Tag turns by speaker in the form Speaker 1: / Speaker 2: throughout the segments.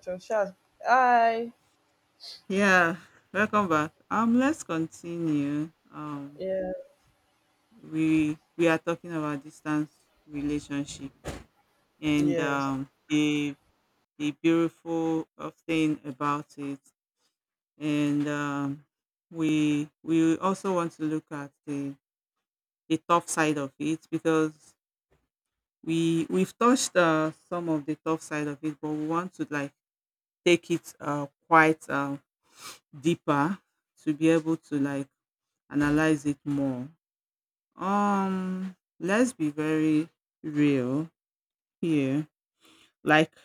Speaker 1: So, Shaz, hi.
Speaker 2: Yeah, welcome back. Let's continue.
Speaker 1: Yeah.
Speaker 2: We are talking about distance relationship and
Speaker 1: Yes.
Speaker 2: um the the beautiful of thing about it, and we also want to look at the tough side of it because we've touched some of the tough side of it, but we want to like take it quite deeper to be able to like analyze it more. Um, let's be very real here. Like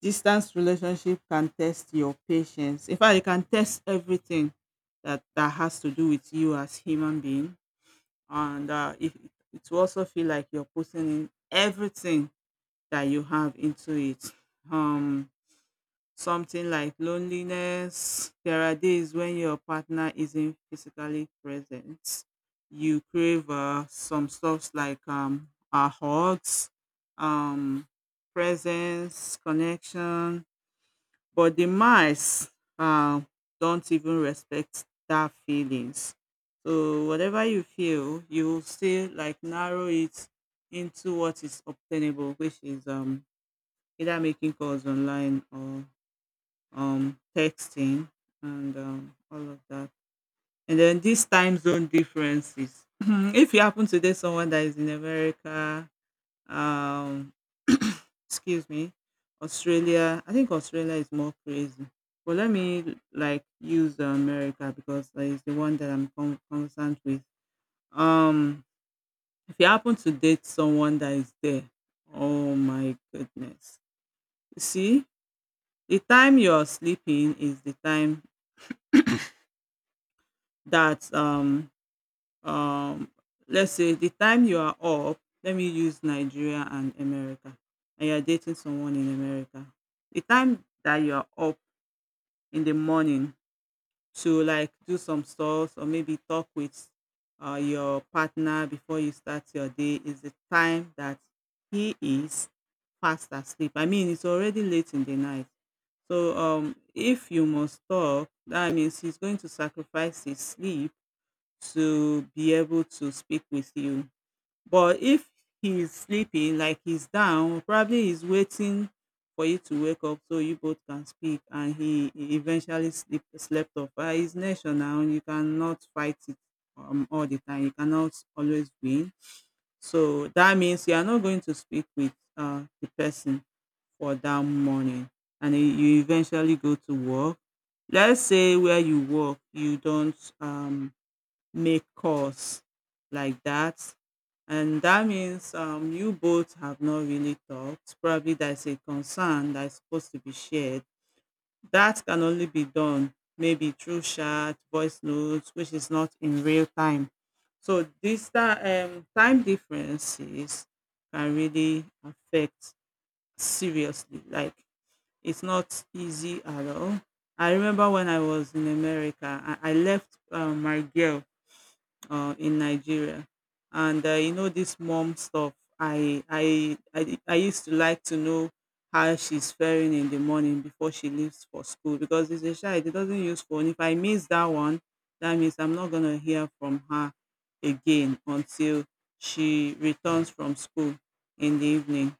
Speaker 2: distance relationship can test your patience. In fact, it can test everything that has to do with you as human being, and it will also feel like you're putting in everything that you have into it. Um, Something like loneliness. There are days when your partner isn't physically present. You crave some stuffs like hugs, um, presence, connection. But the mice uh, don't even respect that feelings. So whatever you feel, you will still like narrow it into what is obtainable, which is either making calls online or texting, and all of that. And then these time zone differences. If you happen to date someone that is in America, um, excuse me, Australia, I think Australia is more crazy. But let me like use America because that is the one that I'm concerned with. Um, if you happen to date someone that is there, oh my goodness. You see, the time you're sleeping is the time that, um let's say the time you are up, let me use Nigeria and America, and you're dating someone in America. The time that you are up in the morning to like do some stuff or maybe talk with your partner before you start your day is the time that he is fast asleep. I mean, it's already late in the night. So if you must talk, that means he's going to sacrifice his sleep to be able to speak with you. But if he's sleeping, like he's down, probably he's waiting for you to wake up so you both can speak and he eventually slept off. But he's national and you cannot fight it all the time. You cannot always win. So that means you are not going to speak with the person for that morning and you eventually go to work, let's say where you work you don't make calls like that. And that means you both have not really talked. Probably there's a concern that's supposed to be shared. That can only be done maybe through chat, voice notes, which is not in real time. So this time differences can really affect seriously. Like it's not easy at all. I remember when I was in America, I left my girl in Nigeria. And you know this mom stuff. I used to like to know how she's faring in the morning before she leaves for school because it's a child. It doesn't use phone. If I miss that one, that means I'm not gonna hear from her again until she returns from school in the evening.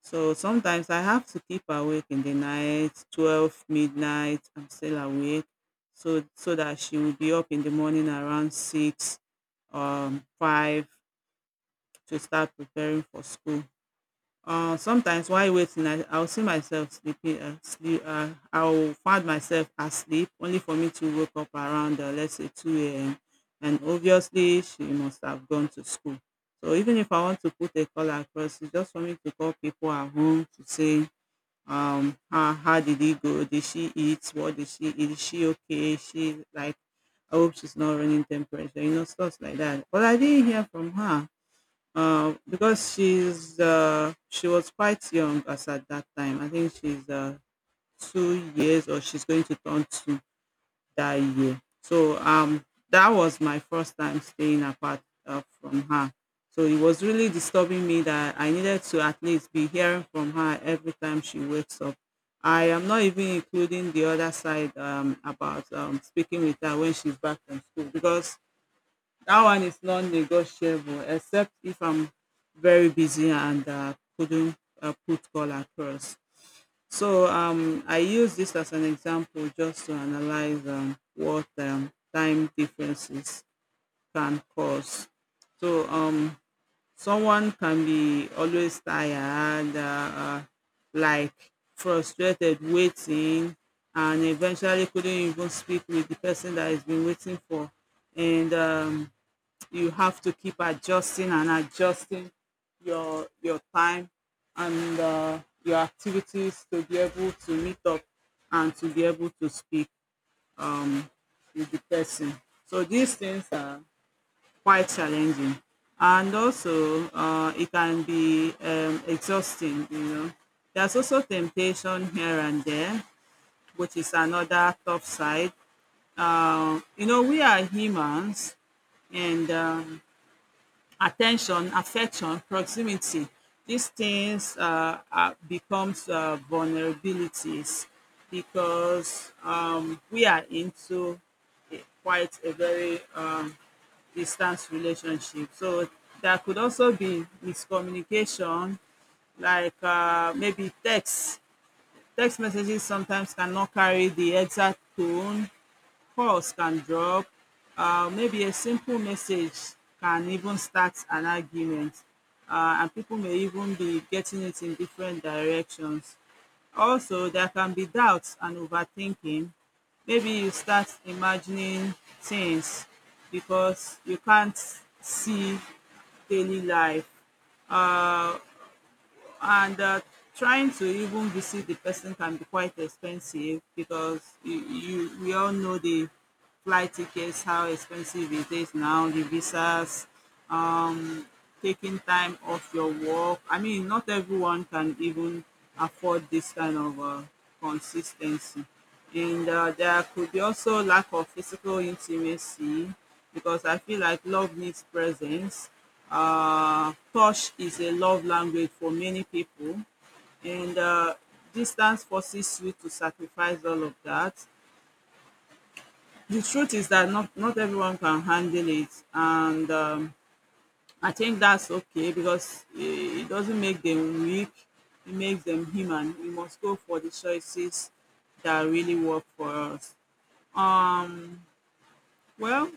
Speaker 2: So sometimes I have to keep awake in the night, 12 midnight, I'm still awake. So that she will be up in the morning around 6 5 to start preparing for school. Sometimes while waiting, I'll see myself sleeping. I'll find myself asleep, only for me to wake up around, let's say, 2 a.m. And obviously, she must have gone to school. So even if I want to put a call across, it's just for me to call people at home to say how did it go, did she eat, what did she eat, is she okay, is she like, I hope she's not running temperature, you know, stuff like that, but I didn't hear from her because she was quite young as at that time. I think she's 2 years or she's going to turn two that year. So that was my first time staying apart from her. So it was really disturbing me that I needed to at least be hearing from her every time she wakes up. I am not even including the other side about speaking with her when she's back from school because that one is non-negotiable except if I'm very busy and couldn't put call across. So I use this as an example just to analyze what time differences can cause. So someone can be always tired, like frustrated, waiting, and eventually couldn't even speak with the person that has been waiting for. And you have to keep adjusting and adjusting your time and your activities to be able to meet up and to be able to speak um, with the person. So these things are quite challenging, and also it can be exhausting. You know, there's also temptation here and there, which is another tough side. You know, we are humans, and attention, affection, proximity. These things becomes vulnerabilities because we are into quite a very distant relationship. So there could also be miscommunication, like maybe text. Text messages sometimes cannot carry the exact tone. Calls can drop, maybe a simple message can even start an argument, and people may even be getting it in different directions. Also, there can be doubts and overthinking. Maybe you start imagining things because you can't see daily life. Uh, and Trying to even visit the person can be quite expensive because you we all know the flight tickets, how expensive it is now, the visas, taking time off your work. I mean, not everyone can even afford this kind of consistency. And there could be also lack of physical intimacy because I feel like love needs presence. Touch is a love language for many people, and distance forces you to sacrifice all of that. The truth is that not everyone can handle it, and I think that's okay because it doesn't make them weak. It makes them human. We must go for the choices that really work for us. Um, well,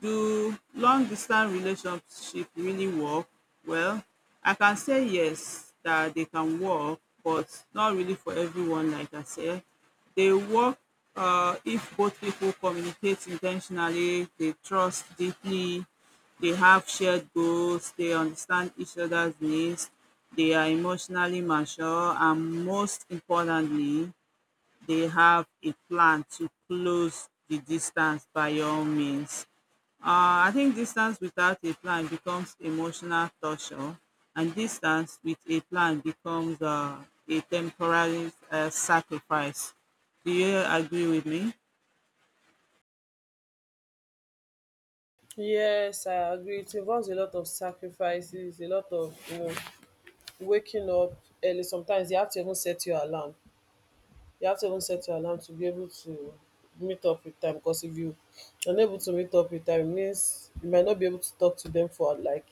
Speaker 2: do long distance relationship really work? Well, I can say yes, that they can work, but not really for everyone, like I said. They work if both people communicate intentionally, they trust deeply, they have shared goals, they understand each other's needs, they are emotionally mature, and most importantly, they have a plan to close the distance by all means. I think distance without a plan becomes emotional torture, and distance with a plan becomes a temporary sacrifice. Do you agree with me?
Speaker 1: Yes, I agree. It involves a lot of sacrifices, a lot of waking up early. Sometimes you have to even set your alarm. You have to even set your alarm to be able to meet up with time. Because if you unable to meet up with time, it means you might not be able to talk to them for like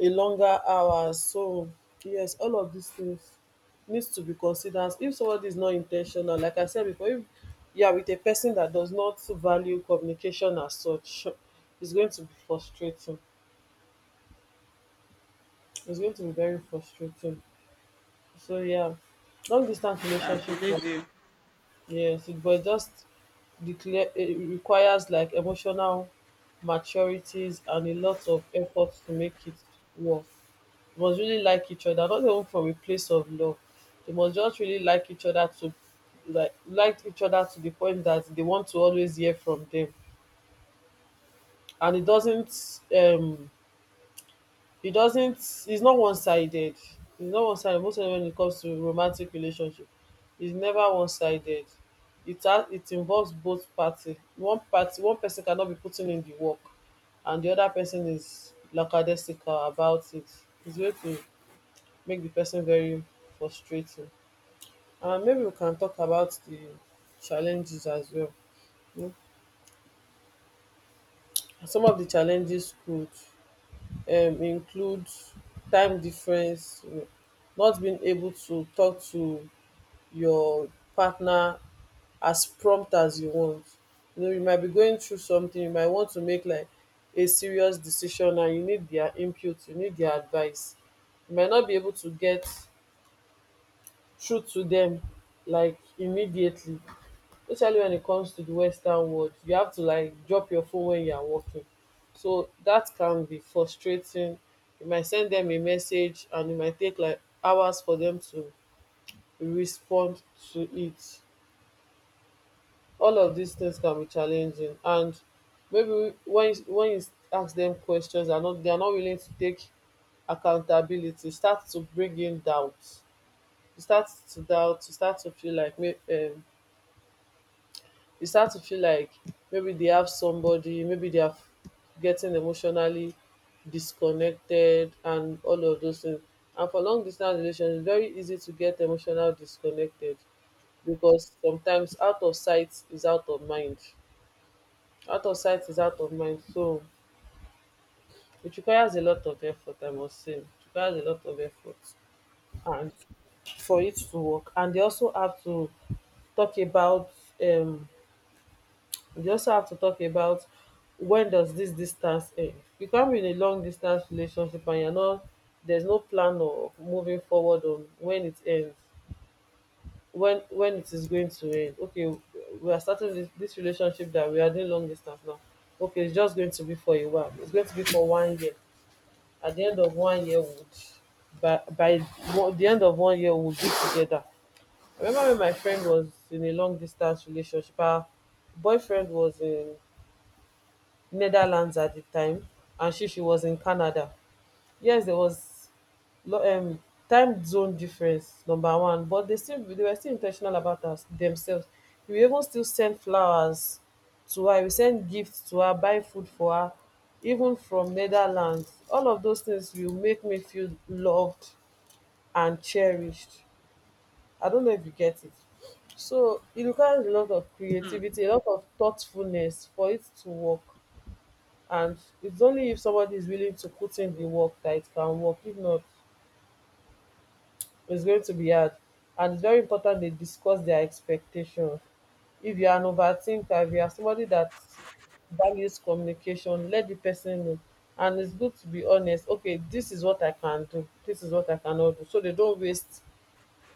Speaker 1: a longer hours. So yes, all of these things needs to be considered. If somebody is not intentional, like I said before, if you are with a person that does not value communication as such, it's going to be frustrating, it's going to be very frustrating. So yeah, long distance
Speaker 2: I
Speaker 1: relationship for
Speaker 2: believe you.
Speaker 1: yes but it just declare it requires like emotional maturities and a lot of effort to make it work. Must really like each other, not even from a place of love. They must just really like each other, to like each other to the point that they want to always hear from them. And it doesn't it's not one-sided, most of the time when it comes to romantic relationship. It's never one-sided. It involves both party. One person cannot be putting in the work and the other person is lackadaisical about it. It's way to make the person very frustrating. And maybe we can talk about the challenges as well, you know. Some of the challenges could include time difference, you know, not being able to talk to your partner as prompt as you want. You know, you might be going through something, you might want to make like a serious decision and you need their input, you need their advice. You might not be able to get through to them like immediately, especially when it comes to the Western world. You have to like drop your phone when you are working. So that can be frustrating. You might send them a message and it might take like hours for them to respond to it. All of these things can be challenging. And maybe when you ask them questions, they're not willing to take accountability, start to bring in doubts. You start to doubt, you start to feel like you start to feel like maybe they have somebody, maybe they are getting emotionally disconnected and all of those things. And for long distance relations, it's very easy to get emotional disconnected because sometimes out of sight is out of mind. Out of sight is out of mind. So it requires a lot of effort, I must say. It requires a lot of effort and for it to work. And they also have to talk about um we also have to talk about when does this distance end. You can't be in a long distance relationship and you're not there's no plan of moving forward on when it ends, when it is going to end. Okay, we are starting this relationship that we are doing long distance now. Okay, it's just going to be for a while, it's going to be for 1 year. At the end of one year would the end of 1 year, we'll be together. I remember when my friend was in a long distance relationship, her boyfriend was in Netherlands at the time and she was in Canada. Yes, there was lo- um time zone difference number one, but they were still intentional about us themselves. We even still send flowers to her, we send gifts to her, buy food for her, even from Netherlands. All of those things will make me feel loved and cherished. I don't know if you get it. So it requires a lot of creativity, a lot of thoughtfulness for it to work. And it's only if somebody is willing to put in the work that it can work. If not, it's going to be hard. And it's very important they discuss their expectations. If you are an overthinker, if you are somebody that values communication, let the person know. And it's good to be honest. Okay, this is what I can do. This is what I cannot do. So they don't waste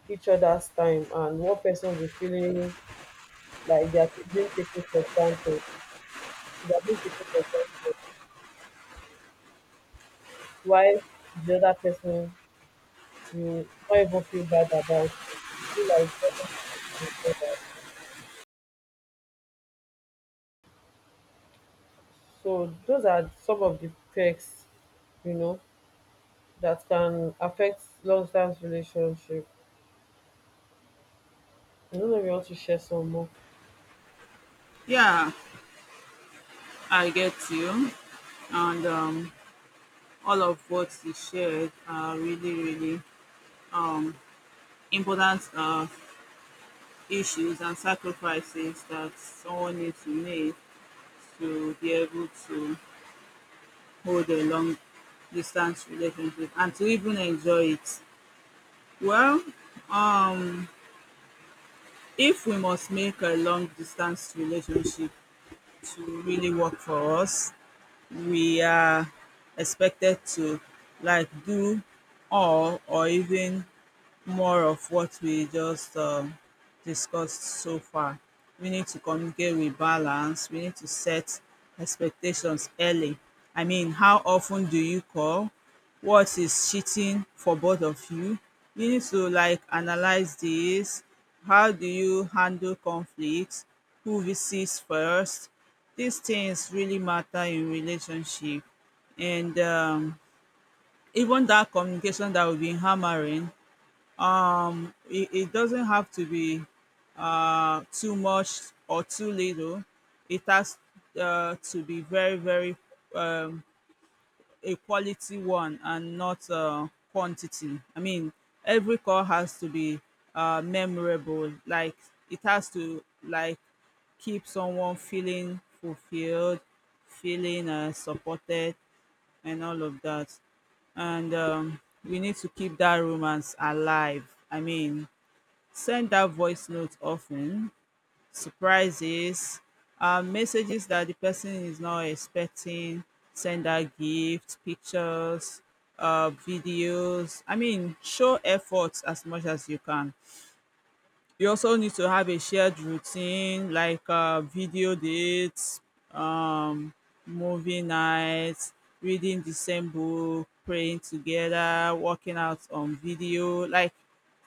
Speaker 1: each other's time, and one person will be feeling like they are being taken for granted. They are being taken for granted, while the other person you not even feel bad about. You feel like nothing further. So those are some of the perks, you know, that can affect long-term relationship. I don't know if you want to share some more.
Speaker 2: Yeah, I get you. And all of what you shared are really, really um, important issues and sacrifices that someone needs to make to be able to hold a long distance relationship and to even enjoy it. Well, um, if we must make a long distance relationship to really work for us, we are expected to like do all or even more of what we just discussed so far. We need to communicate with balance. We need to set expectations early. I mean, how often do you call? What is cheating for both of you? You need to like analyze this. How do you handle conflict? Who visits first? These things really matter in relationship, and even that communication that we've been hammering, it doesn't have to be too much or too little. It has to be very, very um, a quality one and not quantity. I mean, every call has to be memorable. Like it has to like keep someone feeling fulfilled, feeling supported, and all of that. And we need to keep that romance alive. I mean, send that voice note often, surprises, messages that the person is not expecting, send that gifts, pictures, videos. I mean, show effort as much as you can. You also need to have a shared routine like video dates, um, movie nights, reading the same book, praying together, working out on video, like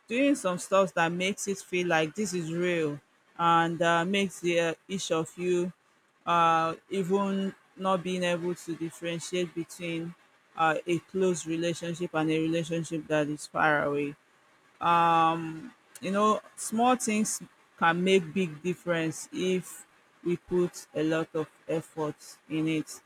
Speaker 2: doing some stuff that makes it feel like this is real and makes the, each of you even not being able to differentiate between a close relationship and a relationship that is far away. You know, small things can make big difference if we put a lot of effort in it.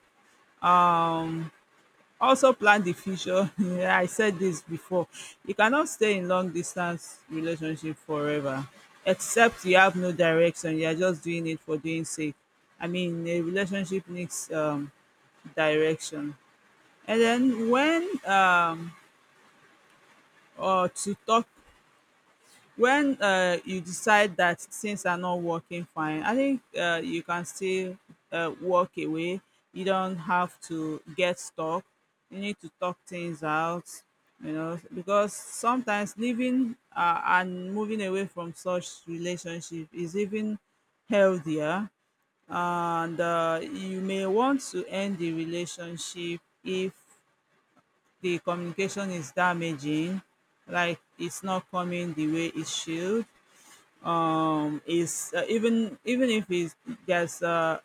Speaker 2: Also plan the future. Yeah, I said this before. You cannot stay in long distance relationship forever except you have no direction. You are just doing it for doing sake. I mean, a relationship needs direction. And then when or to talk When, you decide that things are not working fine, I think, you can still, walk away. You don't have to get stuck. You need to talk things out, because sometimes leaving, and moving away from such relationship is even healthier. And you may want to end the relationship if the communication is damaging, like it's not coming the way it should is Even if there's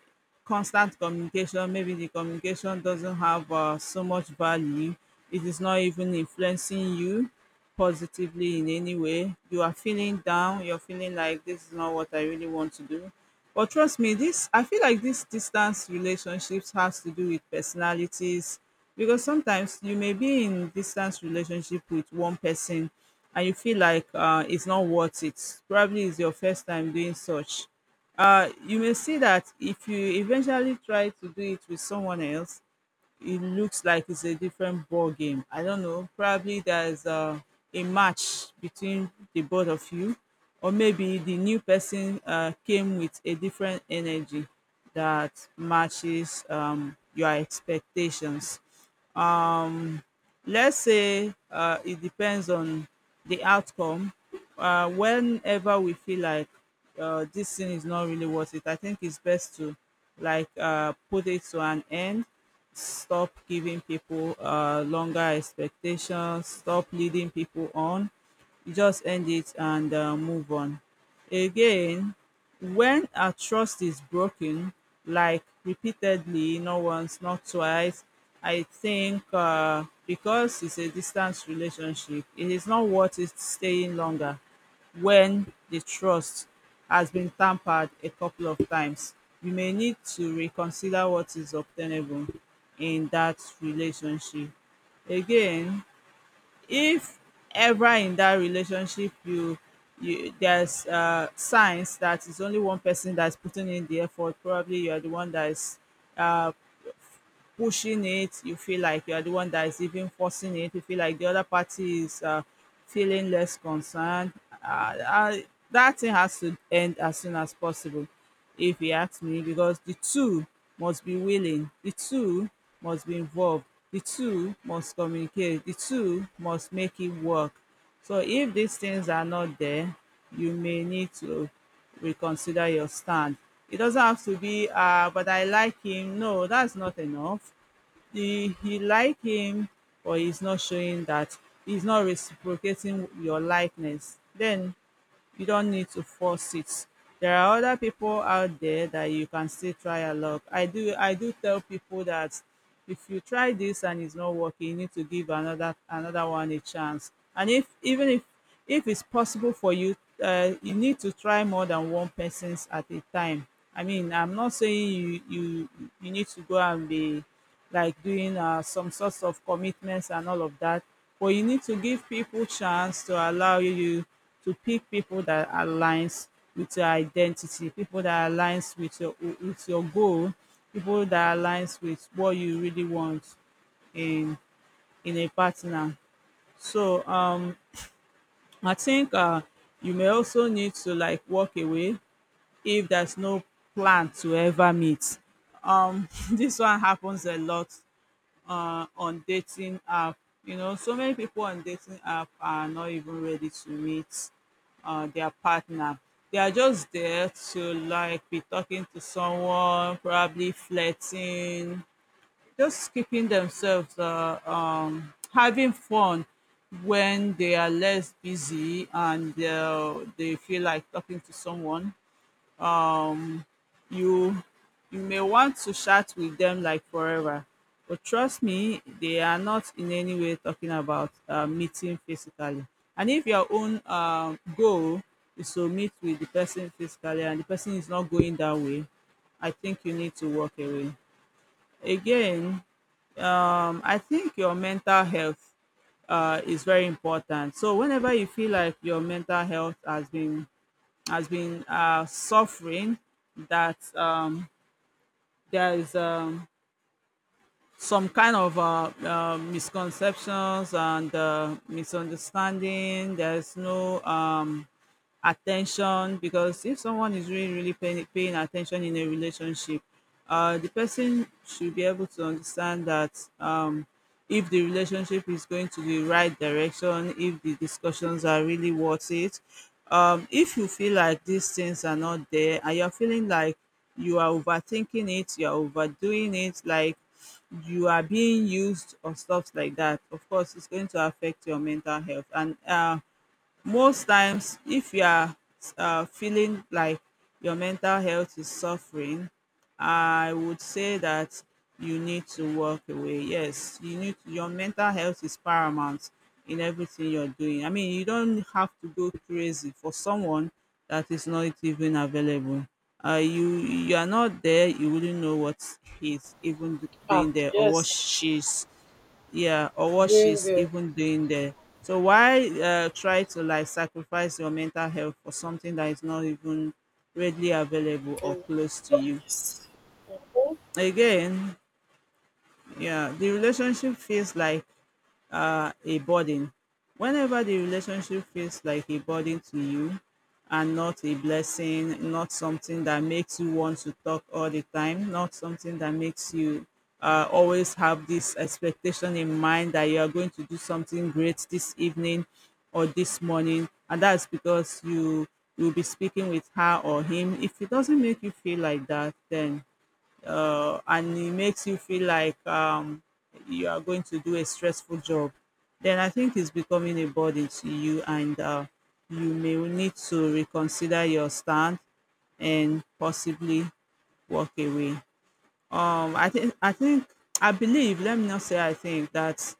Speaker 2: constant communication, maybe the communication doesn't have so much value, it is not even influencing you positively in any way, you are feeling down, you're feeling like this is not what I really want to do. But trust me, this I feel like this distance relationships has to do with personalities, because sometimes you may be in distance relationship with one person and you feel like it's not worth it. Probably it's your first time doing such. You may see that if you eventually try to do it with someone else, it looks like it's a different ball game. I don't know. Probably there's a match between the both of you, or maybe the new person came with a different energy that matches your expectations. Let's say it depends on the outcome. Whenever we feel like this thing is not really worth it, I think it's best to like put it to an end. Stop giving people longer expectations. Stop leading people on. You just end it and move on. Again, when our trust is broken, like repeatedly, not once, not twice, I think because it's a distance relationship, it is not worth it staying longer when the trust has been tampered a couple of times. You may need to reconsider what is obtainable in that relationship. Again, if ever in that relationship you there's signs that it's only one person that's putting in the effort, probably you are the one that is uh, pushing it, you feel like you're the one that is even forcing it. You feel like the other party is feeling less concerned. Uh, uh, that thing has to end as soon as possible, if you ask me, because the two must be willing, the two must be involved, the two must communicate, the two must make it work. So if these things are not there, you may need to reconsider your stand. It doesn't have to be, but I like him. No, that's not enough. You like him, but he's not showing that, he's not reciprocating your likeness. Then you don't need to force it. There are other people out there that you can still try your luck. I do tell people that if you try this and it's not working, you need to give another one a chance. And if even if it's possible for you, you need to try more than one person's at a time. I mean, I'm not saying you need to go and be like doing some sorts of commitments and all of that. But you need to give people chance to allow you to pick people that aligns with your identity, people that aligns with your goal, people that aligns with what you really want in in a partner. So I think you may also need to like walk away if there's no plan to ever meet. This one happens a lot on dating app. You know, so many people on dating app are not even ready to meet their partner. They are just there to like be talking to someone, probably flirting, just keeping themselves having fun when they are less busy and they feel like talking to someone. You you may want to chat with them like forever, but trust me, they are not in any way talking about meeting physically. And if your own goal is to meet with the person physically and the person is not going that way, I think you need to walk away. Again, I think your mental health is very important. So whenever you feel like your mental health has been suffering, that there is some kind of misconceptions and misunderstanding. There's no attention, because if someone is really paying attention in a relationship, the person should be able to understand that, if the relationship is going to the right direction, if the discussions are really worth it. If you feel like these things are not there and you're feeling like you are overthinking it, you're overdoing it, like you are being used or stuff like that, of course it's going to affect your mental health. And Most times, if you are feeling like your mental health is suffering, I would say that you need to walk away. Yes, you need, your mental health is paramount in everything you're doing. I mean, you don't have to go crazy for someone that is not even available. You are not there, you wouldn't know what
Speaker 1: Ah,
Speaker 2: doing there or what
Speaker 1: yes.
Speaker 2: she's, yeah, or what
Speaker 1: Doing
Speaker 2: she's
Speaker 1: the.
Speaker 2: even doing there. So why try to like sacrifice your mental health for something that is not even readily available or close to you.
Speaker 1: Yes.
Speaker 2: Again, yeah, the relationship feels like a burden. Whenever the relationship feels like a burden to you and not a blessing, not something that makes you want to talk all the time, not something that makes you always have this expectation in mind that you are going to do something great this evening or this morning, and that's because you'll be speaking with her or him. If it doesn't make you feel like that, then and it makes you feel like you are going to do a stressful job, then I think it's becoming a burden to you, and you may need to reconsider your stand and possibly walk away. I think I believe. Let me not say I think, that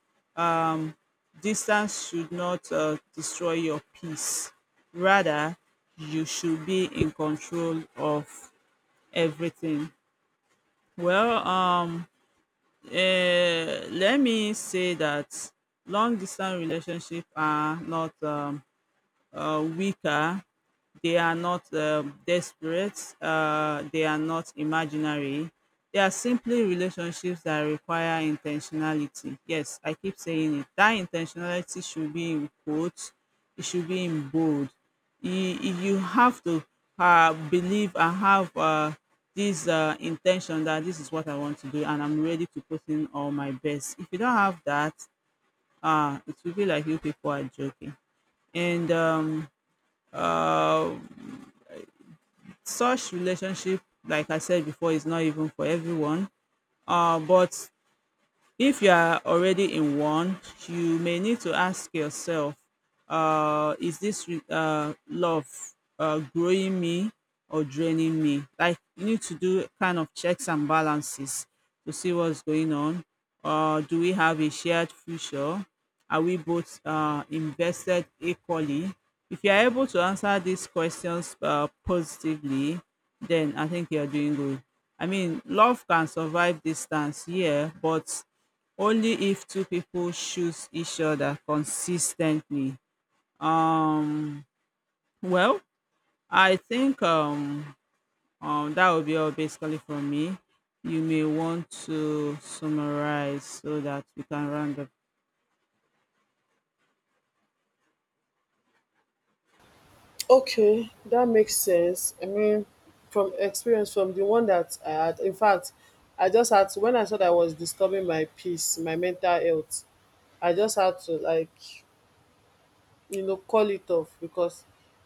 Speaker 2: distance should not destroy your peace. Rather, you should be in control of everything. Well, let me say that long distance relationships are not weaker. They are not desperate. They are not imaginary. They are simply relationships that require intentionality. Yes, I keep saying it. That intentionality should be in quotes. It should be in bold. You have to believe and have this intention that this is what I want to do and I'm ready to put in all my best. If you don't have that, it will be like you people are joking. And uh, Such relationship, like I said before, is not even for everyone. But if you are already in one, you may need to ask yourself, is this love growing me or draining me? Like you need to do kind of checks and balances to see what's going on. Do we have a shared future? Are we both invested equally? If you are able to answer these questions positively, then I think you are doing good. I mean, love can survive distance, yeah, but only if two people choose each other consistently. Um well I think That will be all basically from me. You may want to summarize so that we can round up.
Speaker 1: Okay, that makes sense. I mean, from experience, from the one that I had, in fact, I just had to, when I thought I was disturbing my peace, my mental health, I just had to like, you know, call it off because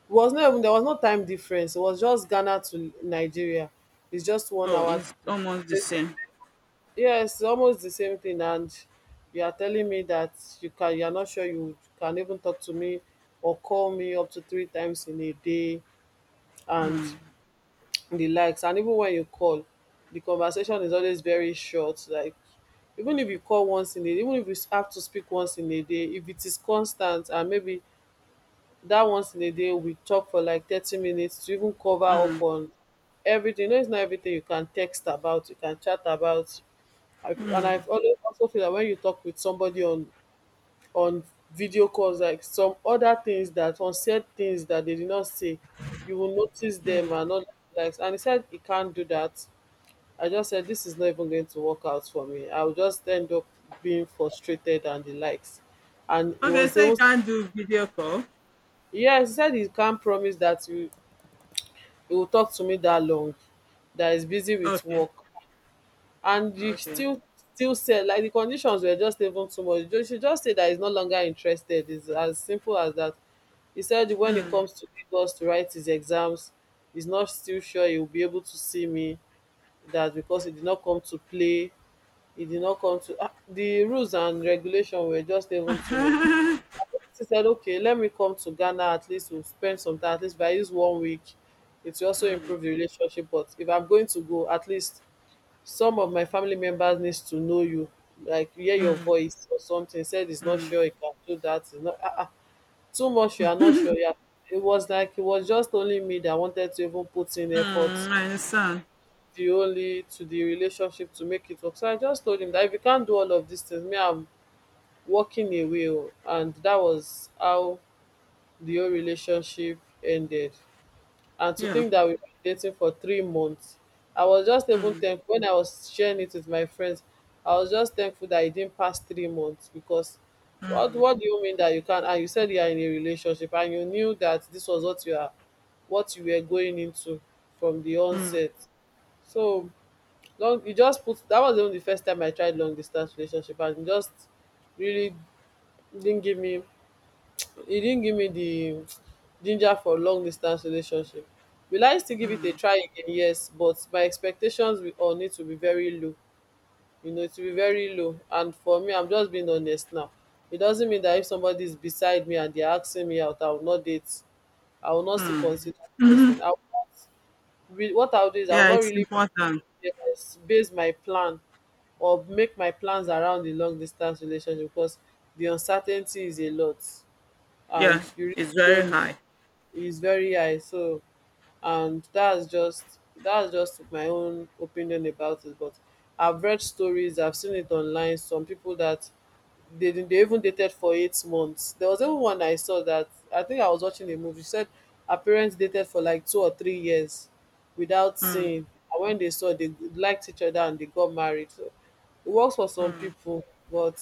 Speaker 1: it was not even there was no time difference. It was just Ghana to Nigeria. It's just one
Speaker 2: Oh,
Speaker 1: hour.
Speaker 2: it's almost the same.
Speaker 1: Yes, almost the same thing. And you are telling me that you are not sure you can even talk to me or call me up to 3 times in a day and the likes. And even when you call, the conversation is always very short. Like even if you call once in a day, even if you have to speak once in a day, if it is constant and maybe that once in a day we talk for like 30 minutes to even cover up on everything. You know, it's not everything you can text about, you can chat about. And I've always also feel that when you talk with somebody on on video calls, like some other things that unsaid things that they did not say, you will notice them and all like. And he said he can't do that. I just said this is not even going to work out for me. I will just end up being frustrated and the likes. And he
Speaker 2: Okay,
Speaker 1: was
Speaker 2: so you
Speaker 1: able,
Speaker 2: can't do video call.
Speaker 1: yes, he said he can't promise that you he will talk to me that long, that is busy with
Speaker 2: Okay.
Speaker 1: work. And you
Speaker 2: Okay.
Speaker 1: still said like the conditions were just even too much. She just said that he's no longer interested, it's as simple as that. He said when it comes to Lagos to write his exams, he's not still sure he will be able to see me. That because he did not come to play, he did not come to, ah, the rules and regulation were just even too much. She said, okay, let me come to Ghana. At least we'll spend some time. At least if I use 1 week, it will also improve the relationship. But if I'm going to go, at least some of my family members needs to know you, like hear your voice or something. He said he's not sure he can do that. He's not, too much. You are not sure. Yeah, it was like it was just only me that wanted to even put in effort.
Speaker 2: Mm, I understand.
Speaker 1: The only to the relationship to make it work. So I just told him that if you can't do all of these things, me, I'm walking away. Oh. And that was how the whole relationship ended. And to
Speaker 2: Yeah.
Speaker 1: think that we were dating for 3 months, I was just even thankful when I was sharing it with my friends. I was just thankful that it didn't pass 3 months because what do you mean that you can't? And you said you are in a relationship and you knew that this was what what you were going into from the onset. So long, you just put, that was even the first time I tried long distance relationship and it just really didn't give me, he didn't give me the ginger for long distance relationship. Will I still give it a try again? Yes, but my expectations will all need to be very low. You know, it will be very low. And for me, I'm just being honest now. It doesn't mean that if somebody is beside me and they're asking me out, I will not date. I will not still consider the person. I will not what I'll do is I will
Speaker 2: Yeah,
Speaker 1: not
Speaker 2: it's
Speaker 1: really
Speaker 2: important.
Speaker 1: yes, base my plan or make my plans around the long distance relationship because the uncertainty is a lot
Speaker 2: Yeah,
Speaker 1: and you really
Speaker 2: it's very
Speaker 1: don't know,
Speaker 2: high.
Speaker 1: is very high. So, and that's just my own opinion about it. But I've read stories, I've seen it online. Some people that they didn't- they even dated for 8 months. There was even one I saw that I think I was watching a movie. She said her parents dated for like 2 or 3 years without seeing. And when they saw, they liked each other and they got married. So it works for some people, but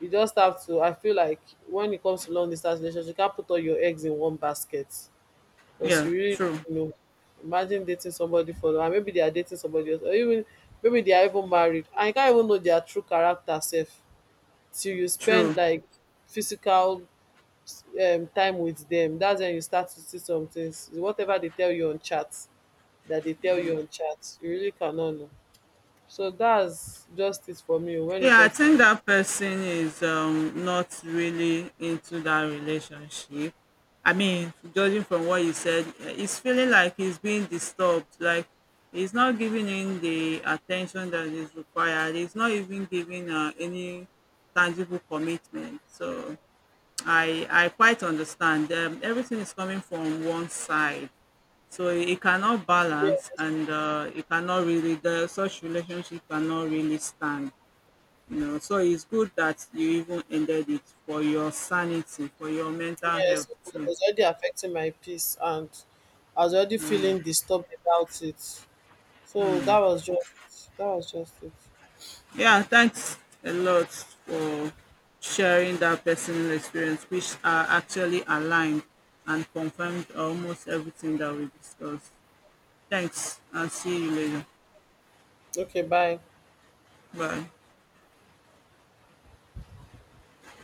Speaker 1: you just have to. I feel like when it comes to long distance relationship, you can't put all your eggs in one basket. Because
Speaker 2: Yeah.
Speaker 1: you really
Speaker 2: True.
Speaker 1: don't know. Imagine dating somebody for, and maybe they are dating somebody else, or even maybe they are even married, and you can't even know their true character self till you spend
Speaker 2: True.
Speaker 1: like physical time with them. That's when you start to see some things. Whatever they tell you on chat, that they tell you on chat, you really cannot know. So that's just it for me, oh, when it
Speaker 2: Yeah, I
Speaker 1: comes to
Speaker 2: think
Speaker 1: this.
Speaker 2: that person is not really into that relationship. I mean, judging from what you said, eh, he's feeling like he's being disturbed, like he's not giving in the attention that is required. He's not even giving any tangible commitment. So I quite understand. Everything is coming from one side. So it cannot balance
Speaker 1: Yes,
Speaker 2: and it cannot really, such relationship cannot really stand. You know, so it's good that you even ended it for your sanity, for your mental
Speaker 1: yes,
Speaker 2: health
Speaker 1: it
Speaker 2: too.
Speaker 1: was already affecting my peace, and I was already feeling disturbed about it. So that was just it.
Speaker 2: Yeah, thanks a lot for sharing that personal experience, which are actually aligned and confirmed almost everything that we discussed. Thanks, and see you later.
Speaker 1: Okay, bye.
Speaker 2: Bye.